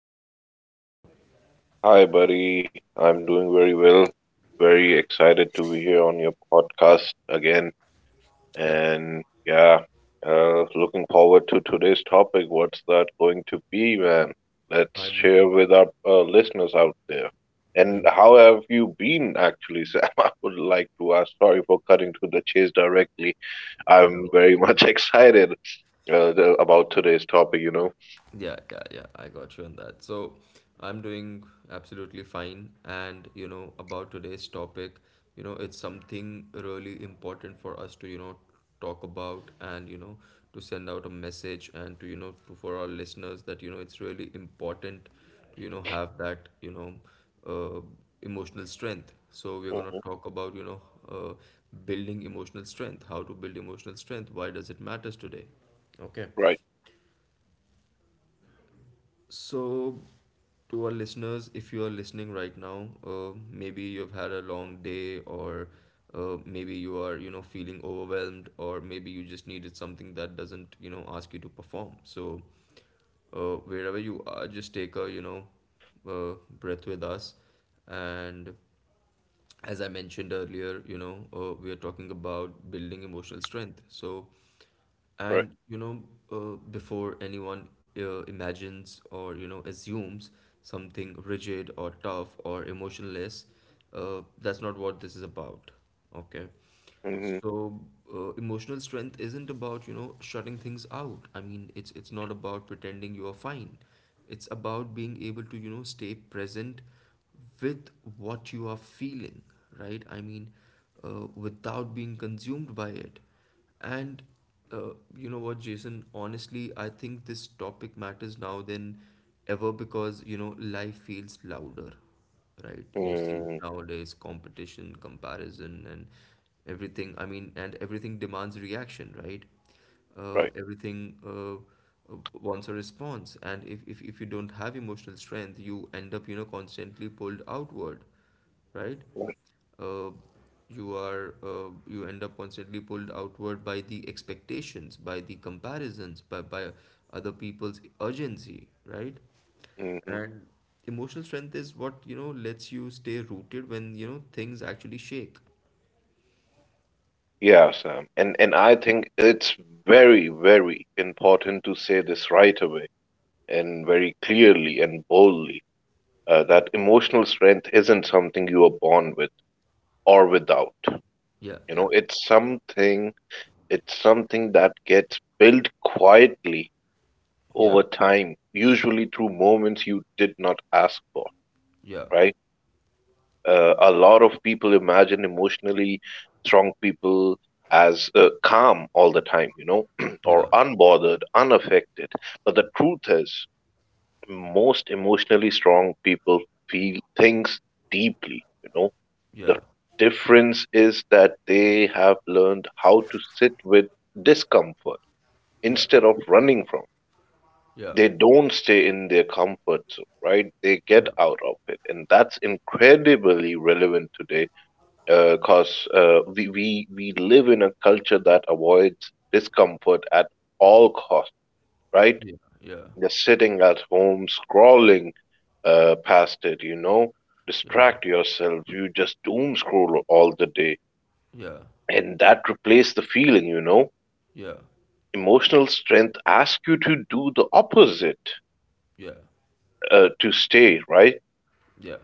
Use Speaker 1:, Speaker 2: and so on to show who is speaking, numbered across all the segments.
Speaker 1: episode. How are you?
Speaker 2: Hi, buddy. I'm doing very well. Very excited to be here on your podcast again.
Speaker 1: Yeah,
Speaker 2: And yeah, looking forward to today's topic. What's that going to be, man? Let's
Speaker 1: I mean,
Speaker 2: share with our listeners out there. And
Speaker 1: yeah,
Speaker 2: how have you been, actually, Sam? I would like to ask. Sorry for cutting to the chase directly. I'm
Speaker 1: no
Speaker 2: very
Speaker 1: worries.
Speaker 2: much excited about today's topic, you know.
Speaker 1: Yeah, yeah, yeah. I got you on that. So I'm doing absolutely fine. And, you know, about today's topic, you know, it's something really important for us to, you know, talk about and, you know, to send out a message and to, you know, to, for our listeners that, you know, it's really important to, you know, have that, you know, uh, emotional strength. So we're going to
Speaker 2: Hmm.
Speaker 1: talk about, you know, uh, building emotional strength, how to build emotional strength, why does it matters today? Okay.
Speaker 2: Right,
Speaker 1: So, to our listeners, if you are listening right now, maybe you've had a long day, or maybe you are, you know, feeling overwhelmed, or maybe you just needed something that doesn't, you know, ask you to perform. So, wherever you are, just take a, you know, uh, breath with us. And as I mentioned earlier, you know, we are talking about building emotional strength. So,
Speaker 2: right.
Speaker 1: and you know, before anyone imagines or you know assumes something rigid or tough or emotionless, that's not what this is about. Okay.
Speaker 2: Hmm.
Speaker 1: So emotional strength isn't about, you know, shutting things out. I mean, it's not about pretending you are fine. It's about being able to, you know, stay present with what you are feeling, right? I mean, without being consumed by it. And you know what, Jason? Honestly, I think this topic matters now than ever because, you know, life feels louder, right? You see
Speaker 2: Hmm.
Speaker 1: nowadays competition, comparison, and everything. I mean, and everything demands reaction, right?
Speaker 2: Right.
Speaker 1: Everything wants a response, and if you don't have emotional strength, you end up, you know, constantly pulled outward, right? Uh, you are you end up constantly pulled outward by the expectations, by the comparisons, by other people's urgency, right?
Speaker 2: Mm-hmm.
Speaker 1: And emotional strength is what, you know, lets you stay rooted when, you know, things actually shake.
Speaker 2: Yeah, Sam. And I think it's very, very important to say this right away and very clearly and boldly that emotional strength isn't something you are born with or without.
Speaker 1: Yeah,
Speaker 2: You
Speaker 1: yeah,
Speaker 2: know, it's something that gets built quietly
Speaker 1: yeah,
Speaker 2: over time, usually through moments you did not ask for,
Speaker 1: yeah,
Speaker 2: right? A lot of people imagine emotionally strong people as calm all the time, you know, or
Speaker 1: yeah,
Speaker 2: unbothered, unaffected. But the truth is, most emotionally strong people feel things deeply, you know.
Speaker 1: yeah,
Speaker 2: The difference is that they have learned how to sit with discomfort
Speaker 1: yeah,
Speaker 2: instead of running from.
Speaker 1: yeah,
Speaker 2: They don't stay in their comfort zone, right? They get
Speaker 1: yeah,
Speaker 2: out of it. And that's incredibly relevant today because 'cause, we live in a culture that avoids discomfort at all costs, right?
Speaker 1: yeah,
Speaker 2: Just sitting at home scrolling past it, you know,
Speaker 1: yeah, yeah,
Speaker 2: distract yourself. You just doom scroll all the day,
Speaker 1: yeah,
Speaker 2: and that replaces the feeling, you know.
Speaker 1: yeah,
Speaker 2: Emotional strength asks you to do the opposite,
Speaker 1: yeah.
Speaker 2: to stay, right?
Speaker 1: Yeah,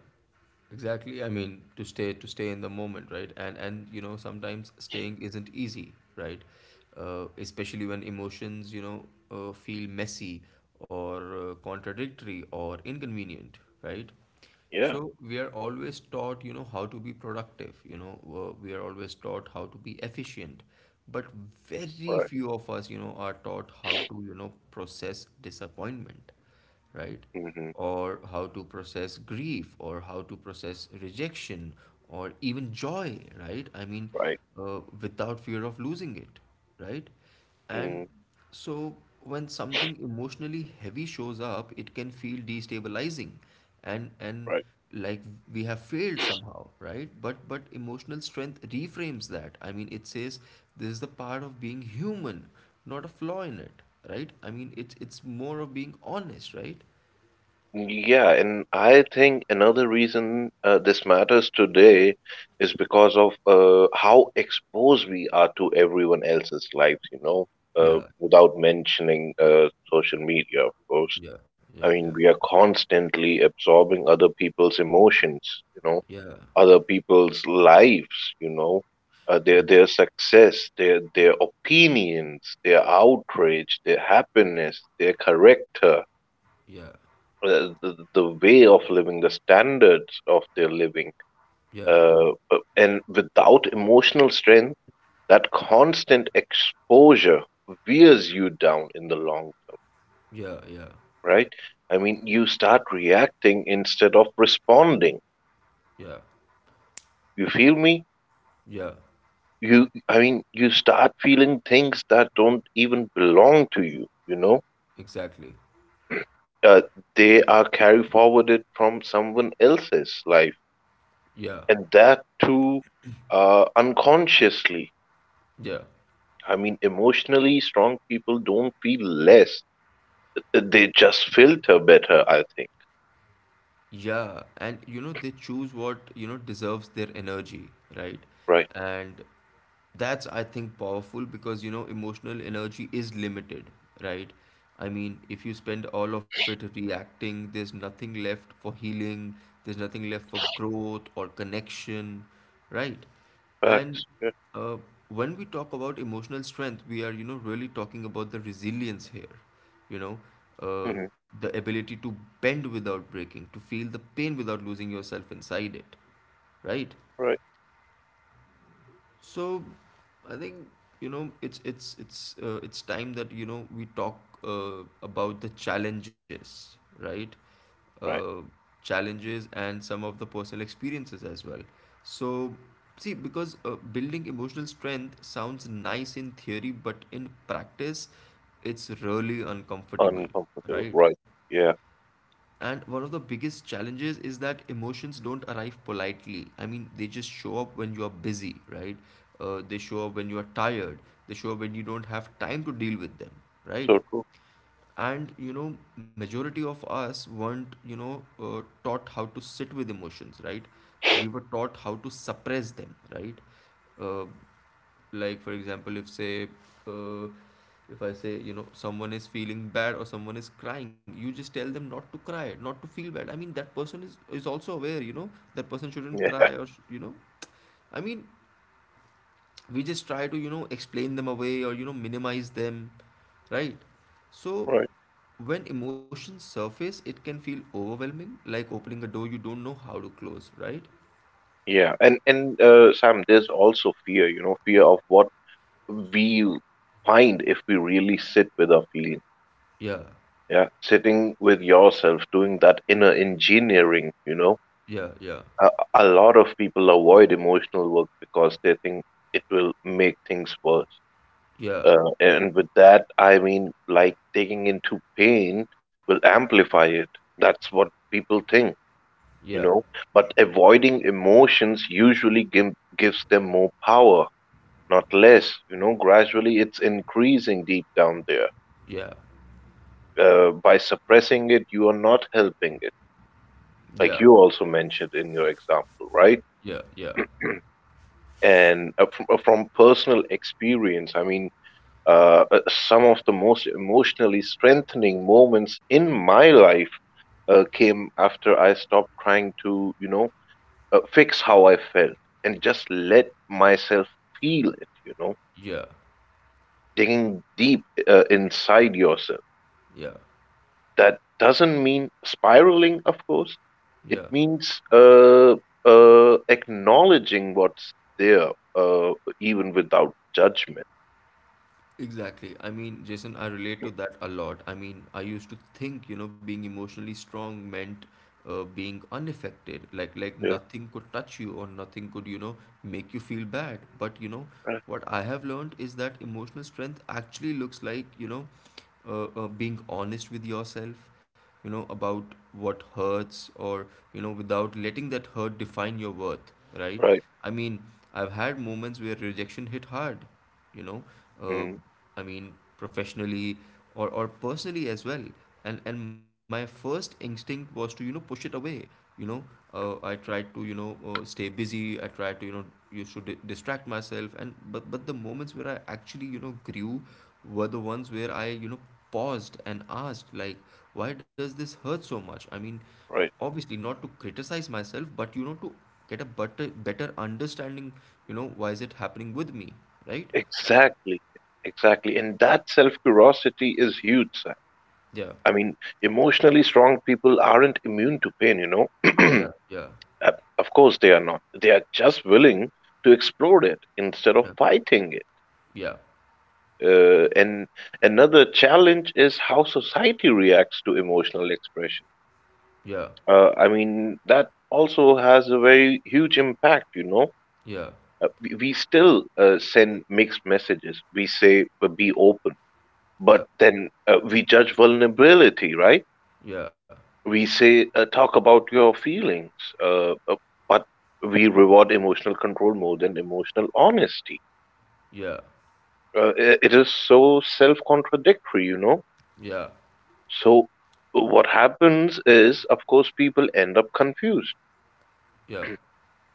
Speaker 1: exactly. I mean, to stay in the moment, right? And you know sometimes staying isn't easy, right? Especially when emotions, you know, feel messy or contradictory or inconvenient, right?
Speaker 2: Yeah.
Speaker 1: So we are always taught, you know, how to be productive. You know, we are always taught how to be efficient, but very
Speaker 2: Right.
Speaker 1: few of us, you know, are taught how to, you know, process disappointment, right?
Speaker 2: Hmm.
Speaker 1: Or how to process grief, or how to process rejection, or even joy, right? I mean,
Speaker 2: Right.
Speaker 1: without fear of losing it, right? And
Speaker 2: Mm,
Speaker 1: so when something emotionally heavy shows up, it can feel destabilizing and
Speaker 2: right.
Speaker 1: like we have failed somehow, right? But emotional strength reframes that. I mean, it says this is the part of being human, not a flaw in it, right? I mean, it's more of being honest, right?
Speaker 2: Yeah, and I think another reason this matters today is because of how exposed we are to everyone else's lives, you know,
Speaker 1: Yeah,
Speaker 2: without mentioning social media, of course.
Speaker 1: yeah,
Speaker 2: I
Speaker 1: yeah,
Speaker 2: mean, we are constantly absorbing other people's emotions, you know,
Speaker 1: yeah,
Speaker 2: other people's lives, you know, uh,
Speaker 1: yeah,
Speaker 2: their their success, their opinions, their outrage, their happiness, their character
Speaker 1: yeah,
Speaker 2: the way of living, the standards of their living,
Speaker 1: yeah, yeah,
Speaker 2: and without emotional strength, that constant exposure wears you down in the long term,
Speaker 1: yeah, yeah, yeah,
Speaker 2: right? I mean, you start reacting instead of responding.
Speaker 1: yeah,
Speaker 2: You feel me?
Speaker 1: yeah,
Speaker 2: You start feeling things that don't even belong to you, you know?
Speaker 1: exactly.
Speaker 2: Uh, they are carry forwarded from someone else's life,
Speaker 1: Yeah,
Speaker 2: and that too unconsciously.
Speaker 1: yeah.
Speaker 2: I mean, emotionally strong people don't feel less; they just filter better, I think.
Speaker 1: Yeah, and you know, they choose what, you know, deserves their energy, right?
Speaker 2: Right.
Speaker 1: And that's, I think, powerful because, you know, emotional energy is limited, right? I mean, if you spend all of it reacting, there's nothing left for healing, there's nothing left for growth or connection, right? And
Speaker 2: Facts. Yeah.
Speaker 1: uh, when we talk about emotional strength, we are, you know, really talking about the resilience here, you know, uh,
Speaker 2: Hmm.
Speaker 1: the ability to bend without breaking, to feel the pain without losing yourself inside it, right?
Speaker 2: Right.
Speaker 1: So I think, you know, it's time that you know we talk uh, about the challenges, right? uh,
Speaker 2: Right.
Speaker 1: challenges and some of the personal experiences as well. So see, because building emotional strength sounds nice in theory but in practice it's really uncomfortable,
Speaker 2: Uncomfortable.
Speaker 1: right?
Speaker 2: Right. Yeah.
Speaker 1: And one of the biggest challenges is that emotions don't arrive politely. I mean, they just show up when you are busy, right? They show up when you are tired. They show up when you don't have time to deal with them, right?
Speaker 2: So true.
Speaker 1: And you know, majority of us weren't, you know, taught how to sit with emotions, right? We were taught how to suppress them, right? Uh, like for example if say, uh, if I say you know someone is feeling bad or someone is crying, you just tell them not to cry, not to feel bad. I mean that person is also aware, you know, that person shouldn't
Speaker 2: Yeah.
Speaker 1: cry or you know, I mean we just try to you know explain them away or you know minimize them, right? So
Speaker 2: Right.
Speaker 1: when emotions surface it can feel overwhelming, like opening a door you don't know how to close, right?
Speaker 2: Yeah. And Sam, there's also fear. You know, fear of what we find if we really sit with our feeling.
Speaker 1: Yeah,
Speaker 2: Yeah. Sitting with yourself, doing that inner engineering. You know,
Speaker 1: yeah, yeah,
Speaker 2: a, a lot of people avoid emotional work because they think it will make things worse.
Speaker 1: yeah,
Speaker 2: And with that, I mean, like taking into pain will amplify it. That's what people think,
Speaker 1: yeah,
Speaker 2: you know. But avoiding emotions gives them more power, not less. You know, gradually it's increasing deep down there.
Speaker 1: yeah,
Speaker 2: By suppressing it, you are not helping it,
Speaker 1: yeah,
Speaker 2: like you also mentioned in your example, right?
Speaker 1: yeah, yeah,
Speaker 2: And from personal experience, I mean, some of the most emotionally strengthening moments in my life came after I stopped trying to, you know, fix how I felt and just let myself feel it, you know,
Speaker 1: yeah.
Speaker 2: digging deep inside yourself.
Speaker 1: Yeah,
Speaker 2: That doesn't mean spiraling, of course. It
Speaker 1: yeah,
Speaker 2: means acknowledging what's there, even without judgment.
Speaker 1: exactly. I mean, Jason, I relate to that a lot. I mean, I used to think, you know, being emotionally strong meant being unaffected, like
Speaker 2: Yeah,
Speaker 1: nothing could touch you or nothing could, you know, make you feel bad. But you know,
Speaker 2: right,
Speaker 1: what I have learned is that emotional strength actually looks like, you know, being honest with yourself, you know, about what hurts or, you know, without letting that hurt define your worth, right?
Speaker 2: right,
Speaker 1: I mean, I've had moments where rejection hit hard, you know, uh,
Speaker 2: mm,
Speaker 1: I mean professionally or personally as well. And my first instinct was to you know push it away, you know, I tried to you know stay busy, I tried to you know you should distract myself. And but the moments where I actually you know grew were the ones where I you know paused and asked like, why does this hurt so much? I mean,
Speaker 2: right.
Speaker 1: obviously not to criticize myself but you know to get a better understanding, you know, why is it happening with me, right?
Speaker 2: Exactly, exactly. And that self-curiosity is huge, Sam.
Speaker 1: Yeah,
Speaker 2: I mean, emotionally strong people aren't immune to pain, you know.
Speaker 1: yeah, yeah,
Speaker 2: Uh, Of course they are not. They are just willing to explore it instead of fighting it.
Speaker 1: yeah,
Speaker 2: And another challenge is how society reacts to emotional expression.
Speaker 1: yeah,
Speaker 2: I mean, that also has a very huge impact, you know.
Speaker 1: yeah,
Speaker 2: We still send mixed messages. We say, be open.
Speaker 1: yeah, yeah,
Speaker 2: But then we judge vulnerability, right?
Speaker 1: yeah,
Speaker 2: We say, talk about your feelings, uh, uh, but we reward emotional control more than emotional honesty.
Speaker 1: yeah,
Speaker 2: It is so self contradictory, you know?
Speaker 1: yeah,
Speaker 2: So, what happens is, of course, people end up confused
Speaker 1: yeah,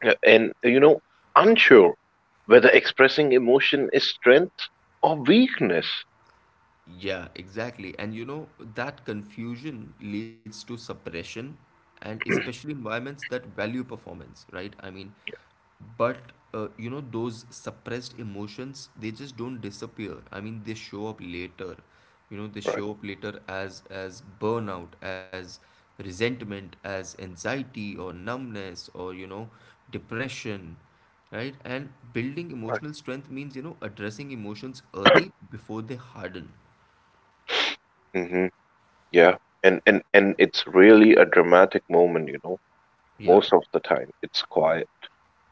Speaker 2: and, you know, unsure whether expressing emotion is strength or weakness.
Speaker 1: yeah, exactly. And you know that confusion leads to suppression, and especially environments that value performance, right? I mean, but you know those suppressed emotions, they just don't disappear. I mean they show up later, you know, they
Speaker 2: Right,
Speaker 1: show up later as burnout, as resentment, as anxiety or numbness or you know depression, right? And building
Speaker 2: right.
Speaker 1: emotional strength means you know addressing emotions early before they harden.
Speaker 2: Hmm. Yeah. And it's really a dramatic moment, you know?
Speaker 1: Yeah,
Speaker 2: Most of the time, it's
Speaker 1: yeah,
Speaker 2: quiet.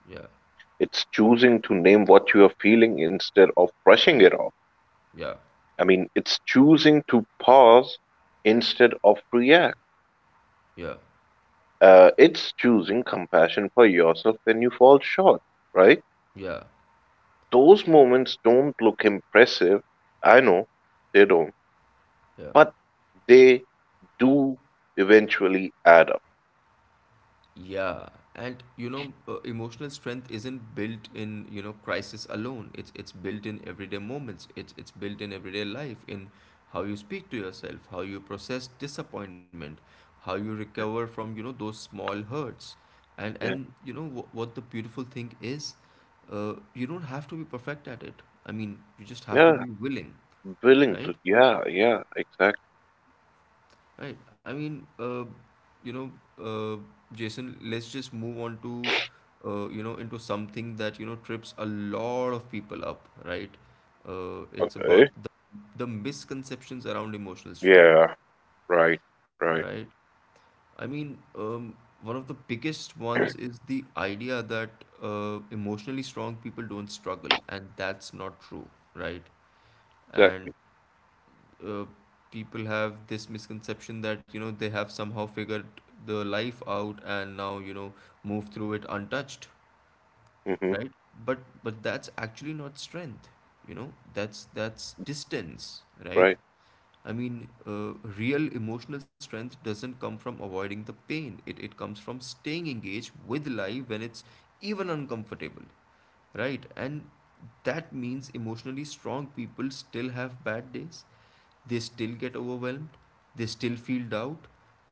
Speaker 1: yeah,
Speaker 2: It's choosing to name what you are feeling instead of brushing it off.
Speaker 1: yeah,
Speaker 2: I mean, it's choosing to pause instead of react.
Speaker 1: yeah,
Speaker 2: It's choosing compassion for yourself when you fall short, right?
Speaker 1: yeah,
Speaker 2: Those moments don't look impressive. I know they don't,
Speaker 1: yeah.
Speaker 2: but they do eventually add up.
Speaker 1: Yeah, and you know, emotional strength isn't built in, you know, crisis alone. It's built in everyday moments. It's built in everyday life, in how you speak to yourself, how you process disappointment, how you
Speaker 2: Yeah,
Speaker 1: recover from, you know, those small hurts.
Speaker 2: yeah,
Speaker 1: And you know what the beautiful thing is, you don't have to be perfect at it. I mean, you just have to
Speaker 2: yeah,
Speaker 1: be willing,
Speaker 2: willing to.
Speaker 1: right?
Speaker 2: Yeah, yeah, exactly.
Speaker 1: Right. I mean, you know, uh, Jason, let's just move on to, you know, into something that, you know, trips a lot of people up, right? It's
Speaker 2: Okay.
Speaker 1: about the misconceptions around emotional strength,
Speaker 2: Yeah, right, right,
Speaker 1: right? I mean, one of the biggest ones is the idea that emotionally strong people don't struggle, and that's not true, right? And
Speaker 2: exactly.
Speaker 1: uh, people have this misconception that you know they have somehow figured the life out and now you know move through it untouched,
Speaker 2: Mhm.
Speaker 1: right? But that's actually not strength, you know, that's distance, right?
Speaker 2: Right,
Speaker 1: I mean, uh, real emotional strength doesn't come from avoiding the pain, it comes from staying engaged with life when it's even uncomfortable, right? And that means emotionally strong people still have bad days, they still get overwhelmed, they still feel doubt,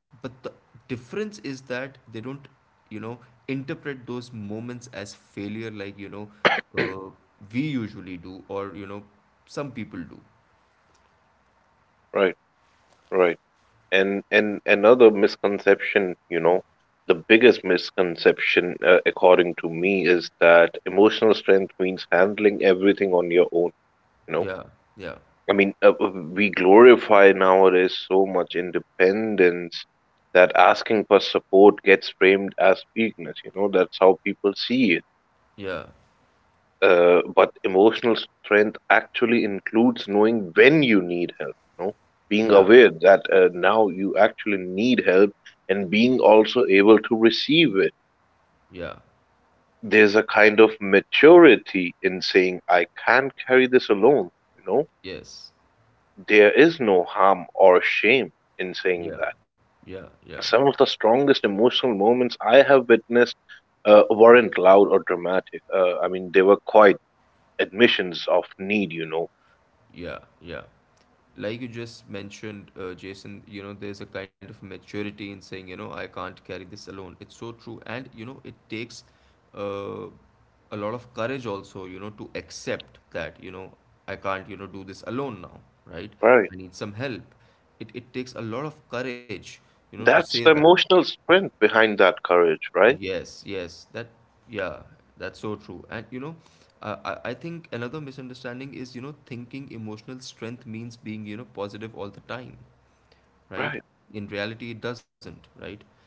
Speaker 1: but the difference is that they don't, you know, interpret those moments as failure, like, you know, uh, we usually do or, you know, some people do.
Speaker 2: right, right. And another misconception, you know, the biggest misconception according to me is that emotional strength means handling everything on your own, you know.
Speaker 1: Yeah, yeah,
Speaker 2: I mean, we glorify nowadays so much independence that asking for support gets framed as weakness, you know, that's how people see it.
Speaker 1: yeah,
Speaker 2: But emotional strength actually includes knowing when you need help, you know, being
Speaker 1: yeah,
Speaker 2: aware that now you actually need help and being also able to receive it.
Speaker 1: yeah,
Speaker 2: There's a kind of maturity in saying, I can't carry this alone, you know,
Speaker 1: yes,
Speaker 2: there is no harm or shame in saying
Speaker 1: yeah,
Speaker 2: that.
Speaker 1: yeah, yeah,
Speaker 2: Some of the strongest emotional moments I have witnessed weren't loud or dramatic. I mean, they were quite admissions of need, you know.
Speaker 1: yeah, yeah. Like you just mentioned, Jason, you know, there's a kind of maturity in saying, you know, I can't carry this alone. It's so true. And, you know, it takes uh, a lot of courage also, you know, to accept that, you know, I can't, you know, do this alone now, right?
Speaker 2: Right.
Speaker 1: I need some help. It takes a lot of courage, you know, to say
Speaker 2: That's the
Speaker 1: that.
Speaker 2: emotional strength behind that courage, right?
Speaker 1: Yes, yes, that, yeah, that's so true. And you know, I think another misunderstanding is, you know, thinking emotional strength means being, you know, positive all the time, right?
Speaker 2: Right,
Speaker 1: In reality, it doesn't, right?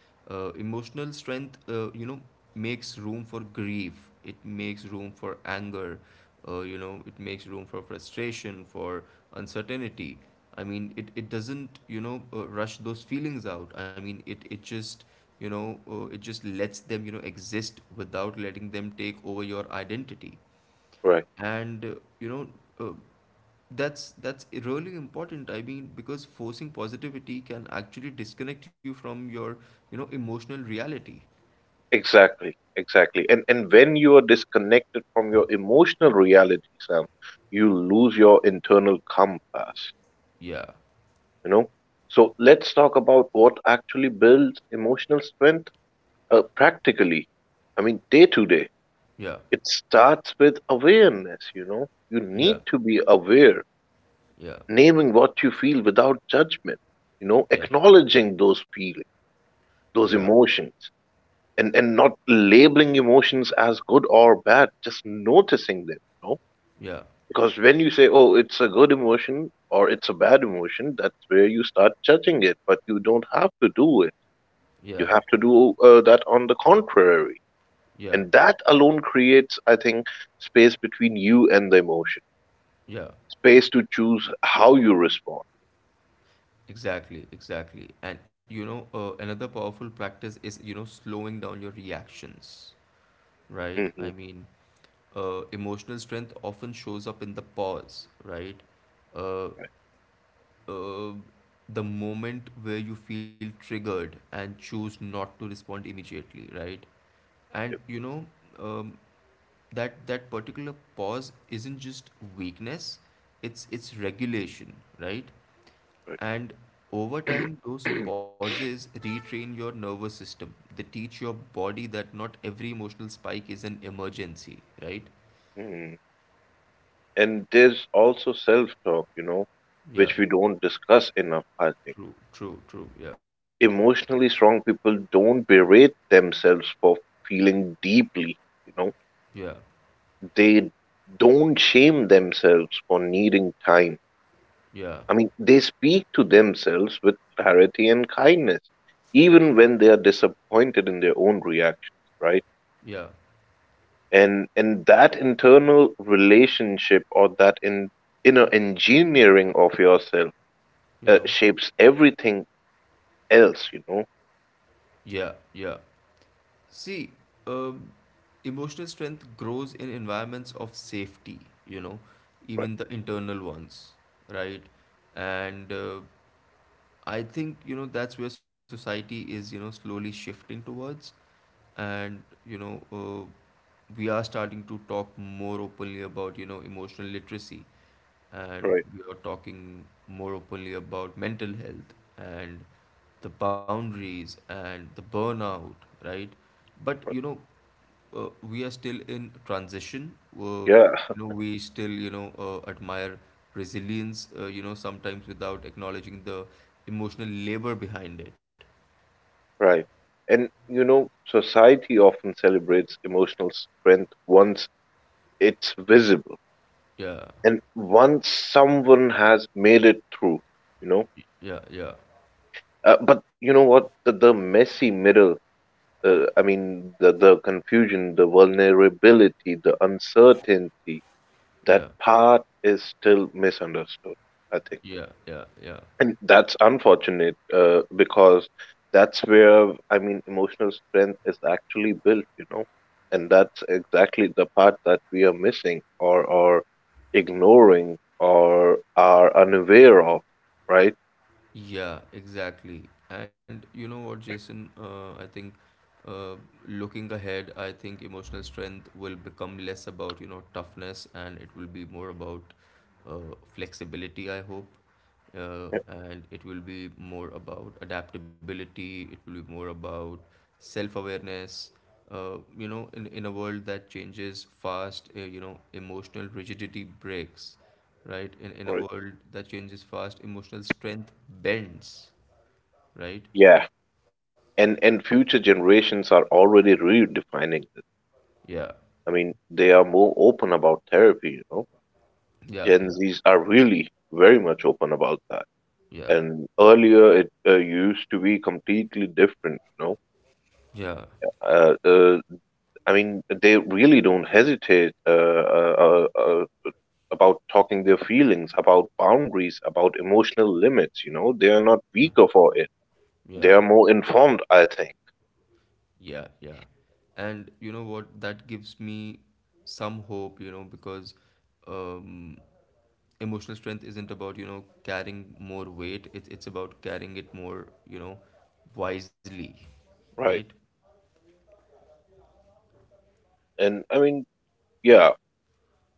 Speaker 1: Emotional strength, you know, makes room for grief, it makes room for anger, you know, it makes room for frustration, for uncertainty. I mean, it doesn't, you know, rush those feelings out. I mean, it just, it just lets them, you know, exist without letting them take over your identity.
Speaker 2: right.
Speaker 1: And you know, uh, that's really important. I mean, because forcing positivity can actually disconnect you from your, you know, emotional reality.
Speaker 2: Exactly, exactly. And when you are disconnected from your emotional reality, Sam, you lose your internal compass,
Speaker 1: Yeah,
Speaker 2: you know? So let's talk about what actually builds emotional strength practically. I mean, day to day.
Speaker 1: yeah,
Speaker 2: It starts with awareness, you know? You
Speaker 1: yeah,
Speaker 2: need to be aware,
Speaker 1: yeah,
Speaker 2: naming what you feel without judgment, you know,
Speaker 1: yeah,
Speaker 2: acknowledging those feelings,
Speaker 1: yeah,
Speaker 2: those emotions, and not labeling emotions as good or bad, just noticing them, you know?
Speaker 1: yeah,
Speaker 2: Because when you say, "Oh, it's a good emotion," or "It's a bad emotion," that's where you start judging it. But you don't have to do it.
Speaker 1: yeah,
Speaker 2: You have to do that on the contrary,
Speaker 1: yeah,
Speaker 2: and that alone creates, I think, space between you and the emotion,
Speaker 1: yeah.
Speaker 2: space to choose how you respond.
Speaker 1: Exactly, exactly. And you know, another powerful practice is, you know, slowing down your reactions, right?
Speaker 2: Hmm.
Speaker 1: I mean, emotional strength often shows up in the pause, right? Uh,
Speaker 2: Right.
Speaker 1: uh, the moment where you feel triggered and choose not to respond immediately, right? And
Speaker 2: Yep.
Speaker 1: you know, um, that particular pause isn't just weakness; it's regulation, right? And over
Speaker 2: Right.
Speaker 1: time, those pauses retrain your nervous system. They teach your body that not every emotional spike is an emergency, right?
Speaker 2: Mhm. And there's also self talk, you know,
Speaker 1: Yeah,
Speaker 2: which we don't discuss enough, I think
Speaker 1: true, true, true. Yeah,
Speaker 2: emotionally strong people don't berate themselves for feeling deeply, you know.
Speaker 1: yeah,
Speaker 2: They don't shame themselves for needing time.
Speaker 1: yeah,
Speaker 2: I mean, they speak to themselves with clarity and kindness even when they are disappointed in their own reactions, right?
Speaker 1: yeah.
Speaker 2: And that internal relationship or that in inner engineering of yourself
Speaker 1: You know,
Speaker 2: shapes everything else, you know,
Speaker 1: yeah, yeah. See, um, emotional strength grows in environments of safety, you know,
Speaker 2: right,
Speaker 1: even the internal ones, right? And I think, you know, that's where society is, you know, slowly shifting towards. And, you know, we are starting to talk more openly about, you know, emotional literacy. And
Speaker 2: right,
Speaker 1: we are talking more openly about mental health and the boundaries and the burnout, right? But, you know, we are still in transition. You
Speaker 2: yeah.
Speaker 1: know, we still, you know, admire resilience, you know, sometimes without acknowledging the emotional labor behind it.
Speaker 2: Right. And you know, society often celebrates emotional strength once it's visible
Speaker 1: Yeah.
Speaker 2: and once someone has made it through, you know.
Speaker 1: Yeah, yeah,
Speaker 2: But you know what? The messy middle, I mean, the confusion, the vulnerability, the uncertainty, that
Speaker 1: yeah,
Speaker 2: part is still misunderstood, I think.
Speaker 1: yeah, yeah, yeah.
Speaker 2: And that's unfortunate because that's where, I mean, emotional strength is actually built, you know, and that's exactly the part that we are missing, or ignoring or are unaware of, right?
Speaker 1: Yeah, exactly. And you know what, Jason? I think uh, looking ahead, I think emotional strength will become less about, you know, toughness and it will be more about uh, flexibility, I hope.
Speaker 2: Yeah.
Speaker 1: And it will be more about adaptability, it will be more about self-awareness. You know, in a world that changes fast, you know, emotional rigidity breaks, right? In a
Speaker 2: Right.
Speaker 1: world that changes fast, emotional strength bends, right?
Speaker 2: Yeah. And future generations are already redefining this.
Speaker 1: Yeah,
Speaker 2: I mean, they are more open about therapy, you know.
Speaker 1: yeah, yeah,
Speaker 2: Gen Zs are really very much open about that.
Speaker 1: yeah,
Speaker 2: And earlier it used to be completely different, you know.
Speaker 1: yeah,
Speaker 2: uh, uh, I mean, they really don't hesitate about talking their feelings, about boundaries, about emotional limits. You know, they are not
Speaker 1: yeah,
Speaker 2: weaker for it, they
Speaker 1: yeah,
Speaker 2: are more informed, I think.
Speaker 1: yeah, yeah. And you know what? That gives me some hope, you know, because um, emotional strength isn't about, you know, carrying more weight. It's about carrying it more, you know, wisely, right?
Speaker 2: Right. And I mean yeah,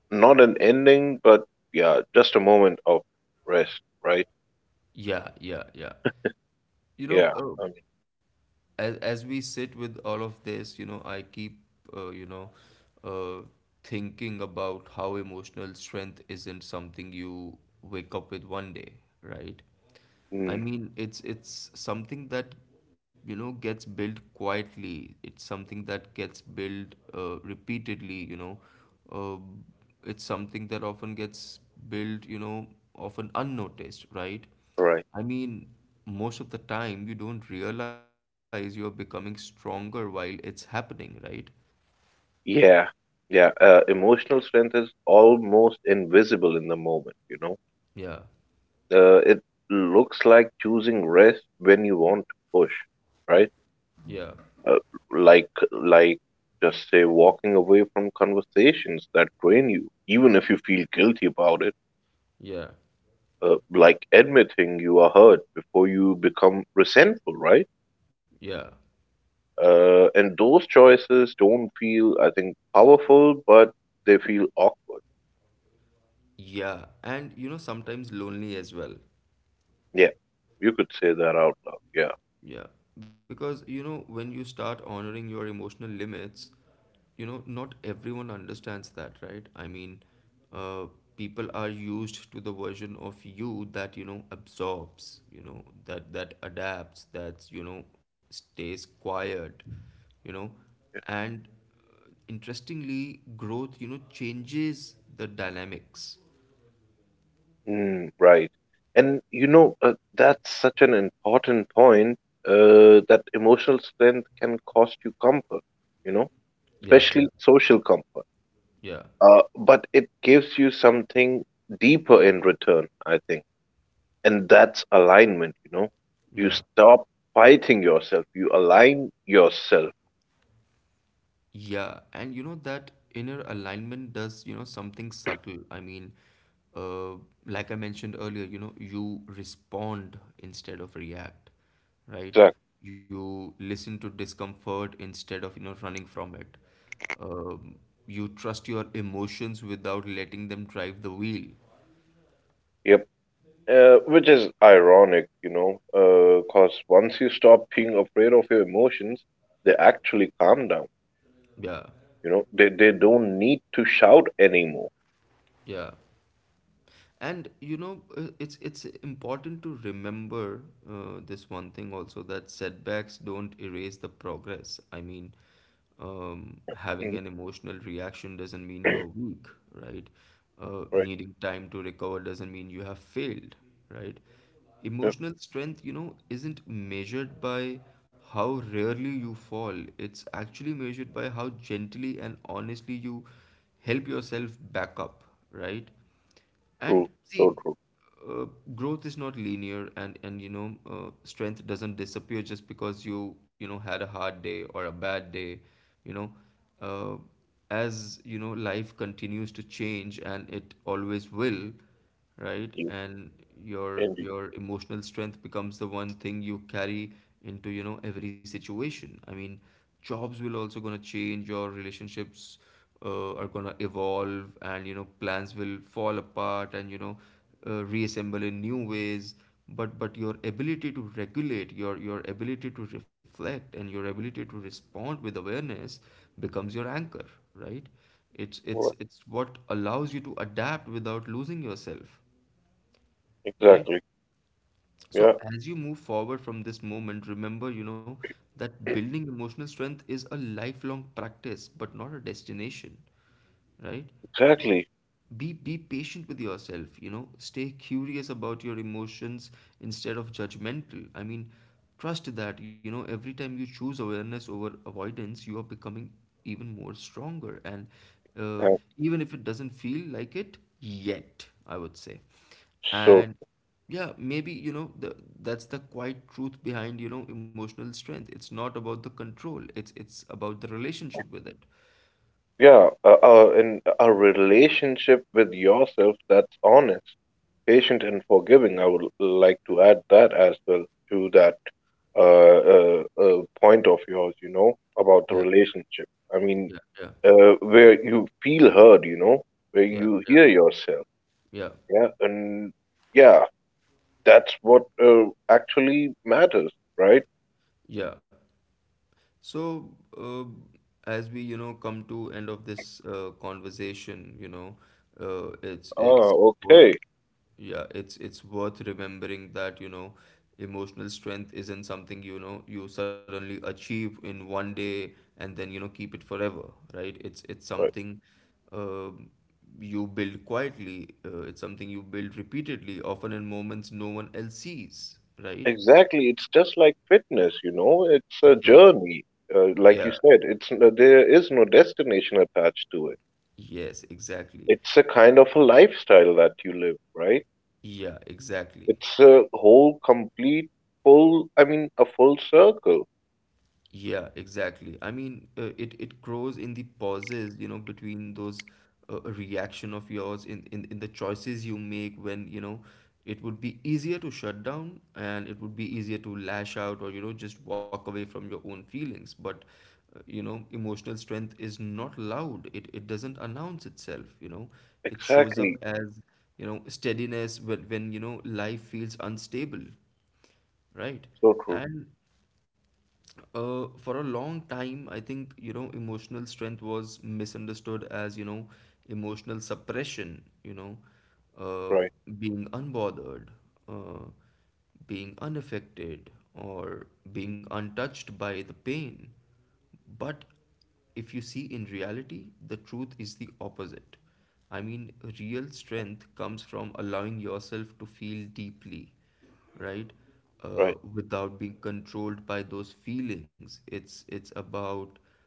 Speaker 2: not an ending, but yeah, just a moment of rest, right?
Speaker 1: Yeah, yeah, yeah. You know,
Speaker 2: Yeah, I mean,
Speaker 1: as we sit with all of this, you know, I keep, you know, uh, thinking about how emotional strength isn't something you wake up with one day, right? I
Speaker 2: mm,
Speaker 1: mean, it's something that, you know, gets built quietly. It's something that gets built, repeatedly. You know, uh, it's something that often gets built. You know, often unnoticed, right?
Speaker 2: right.
Speaker 1: I mean, most of the time you don't realize you're becoming stronger while it's happening, right?
Speaker 2: Yeah, yeah. Emotional strength is almost invisible in the moment, you know.
Speaker 1: Yeah,
Speaker 2: It looks like choosing rest when you want to push, right?
Speaker 1: yeah,
Speaker 2: Uh, like, like, just say walking away from conversations that drain you, even if you feel guilty about it.
Speaker 1: yeah,
Speaker 2: Like admitting you are hurt before you become resentful, right?
Speaker 1: yeah,
Speaker 2: And those choices don't feel, I think, powerful, but they feel awkward.
Speaker 1: yeah. And you know, sometimes lonely as well.
Speaker 2: Yeah, you could say that out loud. Yeah,
Speaker 1: Yeah, because you know, when you start honoring your emotional limits, you know, not everyone understands that, right? I mean, uh, people are used to the version of you that, you know, absorbs, you know, that adapts, that's, you know, stays quiet, you know,
Speaker 2: yeah.
Speaker 1: and interestingly, growth, you know, changes the dynamics.
Speaker 2: Mm, right. And you know, that's such an important point that emotional strength can cost you comfort, you know,
Speaker 1: Yeah, yeah,
Speaker 2: especially social comfort.
Speaker 1: yeah,
Speaker 2: But it gives you something deeper in return, I think. And that's alignment, you know. You
Speaker 1: yeah.
Speaker 2: stop fighting yourself, you align yourself.
Speaker 1: Yeah, and you know that inner alignment does, you know, something subtle. I mean, uh, like I mentioned earlier, you know, you respond instead of react, right?
Speaker 2: Exactly.
Speaker 1: You listen to discomfort instead of, you know, running from it. Um, you trust your emotions without letting them drive the wheel.
Speaker 2: Which is ironic, you know, because once you stop being afraid of your emotions, they actually calm down.
Speaker 1: Yeah,
Speaker 2: You know, they don't need to shout anymore.
Speaker 1: yeah. And you know, it's important to remember, this one thing also, that setbacks don't erase the progress. I mean, having
Speaker 2: Mm,
Speaker 1: an emotional reaction doesn't mean you are weak, right?
Speaker 2: right.
Speaker 1: Needing time to recover doesn't mean you have failed, right?
Speaker 2: Yeah,
Speaker 1: Emotional strength, you know, isn't measured by how rarely you fall. It's actually measured by how gently and honestly you help yourself back up, right?
Speaker 2: true.
Speaker 1: And
Speaker 2: So
Speaker 1: see,
Speaker 2: true.
Speaker 1: uh, growth is not linear, and you know, strength doesn't disappear just because you know, had a hard day or a bad day, you know. Uh, as you know, life continues to change, and it always will, right?
Speaker 2: You
Speaker 1: And
Speaker 2: indeed.
Speaker 1: your emotional strength becomes the one thing you carry into, you know, every situation. I mean, jobs will also gonna change, your relationships are gonna evolve, and you know, plans will fall apart, and you know, reassemble in new ways. But your ability to regulate, your ability to reflect, and your ability to respond with awareness becomes your anchor, right? It's it's
Speaker 2: Right.
Speaker 1: it's what allows you to adapt without losing yourself, right?
Speaker 2: Exactly. Yeah.
Speaker 1: So as you move forward from this moment, remember, you know, that building emotional strength is a lifelong practice, but not a destination, right?
Speaker 2: Exactly.
Speaker 1: Be patient with yourself, you know, stay curious about your emotions instead of judgmental. I mean, trust that, you know, every time you choose awareness over avoidance, you are becoming even more stronger, and uh,
Speaker 2: Uh,
Speaker 1: even if it doesn't feel like it yet, I would say.
Speaker 2: so
Speaker 1: And yeah, maybe you know, that's the quiet truth behind, you know, emotional strength. It's not about the control, it's about the relationship with it.
Speaker 2: yeah, uh, in a relationship with yourself that's honest, patient, and forgiving. I would like to add that as well to that uh, point of yours, you know, about
Speaker 1: Yeah,
Speaker 2: the relationship. I mean,
Speaker 1: yeah, yeah,
Speaker 2: where you feel heard, you know, where
Speaker 1: yeah,
Speaker 2: you
Speaker 1: yeah,
Speaker 2: hear yourself.
Speaker 1: yeah.
Speaker 2: Yeah. And yeah, that's what actually matters, right?
Speaker 1: Yeah. So, uh, as we, you know, come to end of this conversation, you know, uh, it's
Speaker 2: Ah,
Speaker 1: it's worth,
Speaker 2: okay.
Speaker 1: yeah, it's worth remembering that, you know, emotional strength isn't something, you know, you suddenly achieve in one day and then, you know, keep it forever, right? It's
Speaker 2: Right.
Speaker 1: something, um you build quietly. It's something you build repeatedly, often in moments no one else sees, right?
Speaker 2: Exactly. It's just like fitness, you know, it's a
Speaker 1: Yeah.
Speaker 2: journey.
Speaker 1: Yeah,
Speaker 2: Like you said, there is no destination attached to it.
Speaker 1: yes, exactly.
Speaker 2: It's a kind of a lifestyle that you live, right?
Speaker 1: Yeah, exactly.
Speaker 2: It's a whole complete full, I mean, a full circle.
Speaker 1: Yeah, exactly. I mean, it grows in the pauses, you know, between those reaction of yours in, in the choices you make when, you know, it would be easier to shut down and it would be easier to lash out or, you know, just walk away from your own feelings. But, you know, emotional strength is not loud. It doesn't announce itself, you know. It shows
Speaker 2: Exactly.
Speaker 1: up as, you know, steadiness when, you know, life feels unstable. Right.
Speaker 2: So true.
Speaker 1: And for a long time, I think, you know, emotional strength was misunderstood as, you know, emotional suppression, you know, uh,
Speaker 2: Right,
Speaker 1: being unbothered, uh, being unaffected, or being untouched by the pain. But if you see in reality, the truth is the opposite. I mean, real strength comes from allowing yourself to feel deeply, right?
Speaker 2: right,
Speaker 1: Without being controlled by those feelings. It's about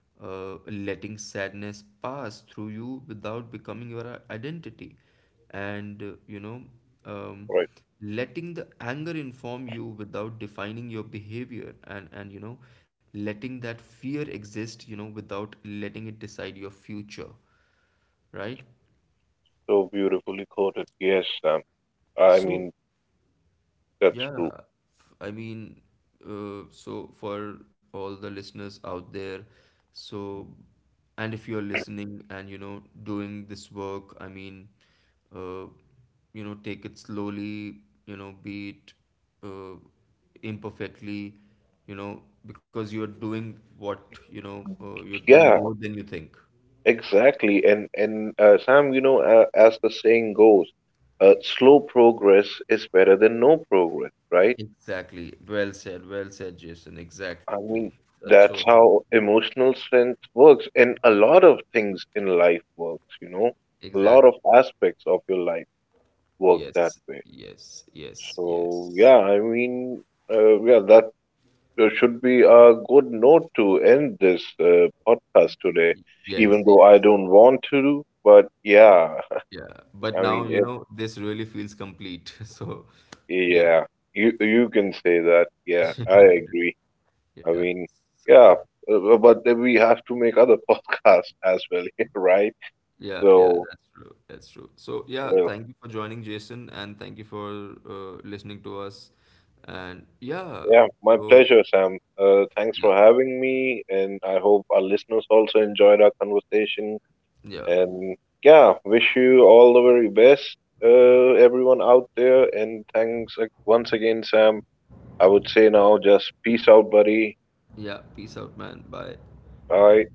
Speaker 1: letting sadness pass through you without becoming your identity, and you know, um,
Speaker 2: right.
Speaker 1: letting the anger inform you without defining your behavior, and you know, letting that fear exist, you know, without letting it decide your future, right?
Speaker 2: So beautifully quoted. Yes, Sam. I mean,
Speaker 1: So
Speaker 2: that's
Speaker 1: yeah,
Speaker 2: true.
Speaker 1: I mean, so for all the listeners out there, so, and if you're listening and, you know, doing this work, I mean, uh, you know, take it slowly, you know, be it uh, imperfectly, you know, because you're doing what, you know, you're doing
Speaker 2: Yeah,
Speaker 1: more than you think.
Speaker 2: exactly. And Sam, you know, as the saying goes, slow progress is better than no progress, right?
Speaker 1: Exactly. Well said. Well said, Jason.
Speaker 2: I
Speaker 1: Exactly.
Speaker 2: mean,
Speaker 1: That's so
Speaker 2: that's
Speaker 1: true.
Speaker 2: how emotional strength works, and a lot of things in life works, you know. A lot of
Speaker 1: Exactly.
Speaker 2: aspects of your life work that
Speaker 1: Yes,
Speaker 2: way.
Speaker 1: yes, yes,
Speaker 2: So
Speaker 1: yes,
Speaker 2: yeah, I mean, yeah, that should be a good note to end this podcast today,
Speaker 1: yes,
Speaker 2: even though I
Speaker 1: yes.
Speaker 2: don't want to, but yeah,
Speaker 1: Yeah. But
Speaker 2: I mean,
Speaker 1: now, you
Speaker 2: it,
Speaker 1: know, this really feels complete. So, yeah,
Speaker 2: yeah, you can say that. Yeah, I agree. I
Speaker 1: yeah.
Speaker 2: mean,
Speaker 1: So,
Speaker 2: yeah, but then we have to make other podcasts as well here, right?
Speaker 1: yeah, yeah,
Speaker 2: So,
Speaker 1: that's true. That's true. So, yeah,
Speaker 2: well,
Speaker 1: thank you for joining, Jason, and thank you for listening to us. And yeah,
Speaker 2: yeah, my
Speaker 1: so,
Speaker 2: pleasure, Sam.
Speaker 1: yeah,
Speaker 2: Thanks for having me, and I hope our listeners also enjoyed our conversation.
Speaker 1: yeah,
Speaker 2: And yeah, wish you all the very best, everyone out there. And thanks once again, Sam. I would say now just peace out, buddy.
Speaker 1: yeah. Peace out, man. Bye.
Speaker 2: Bye.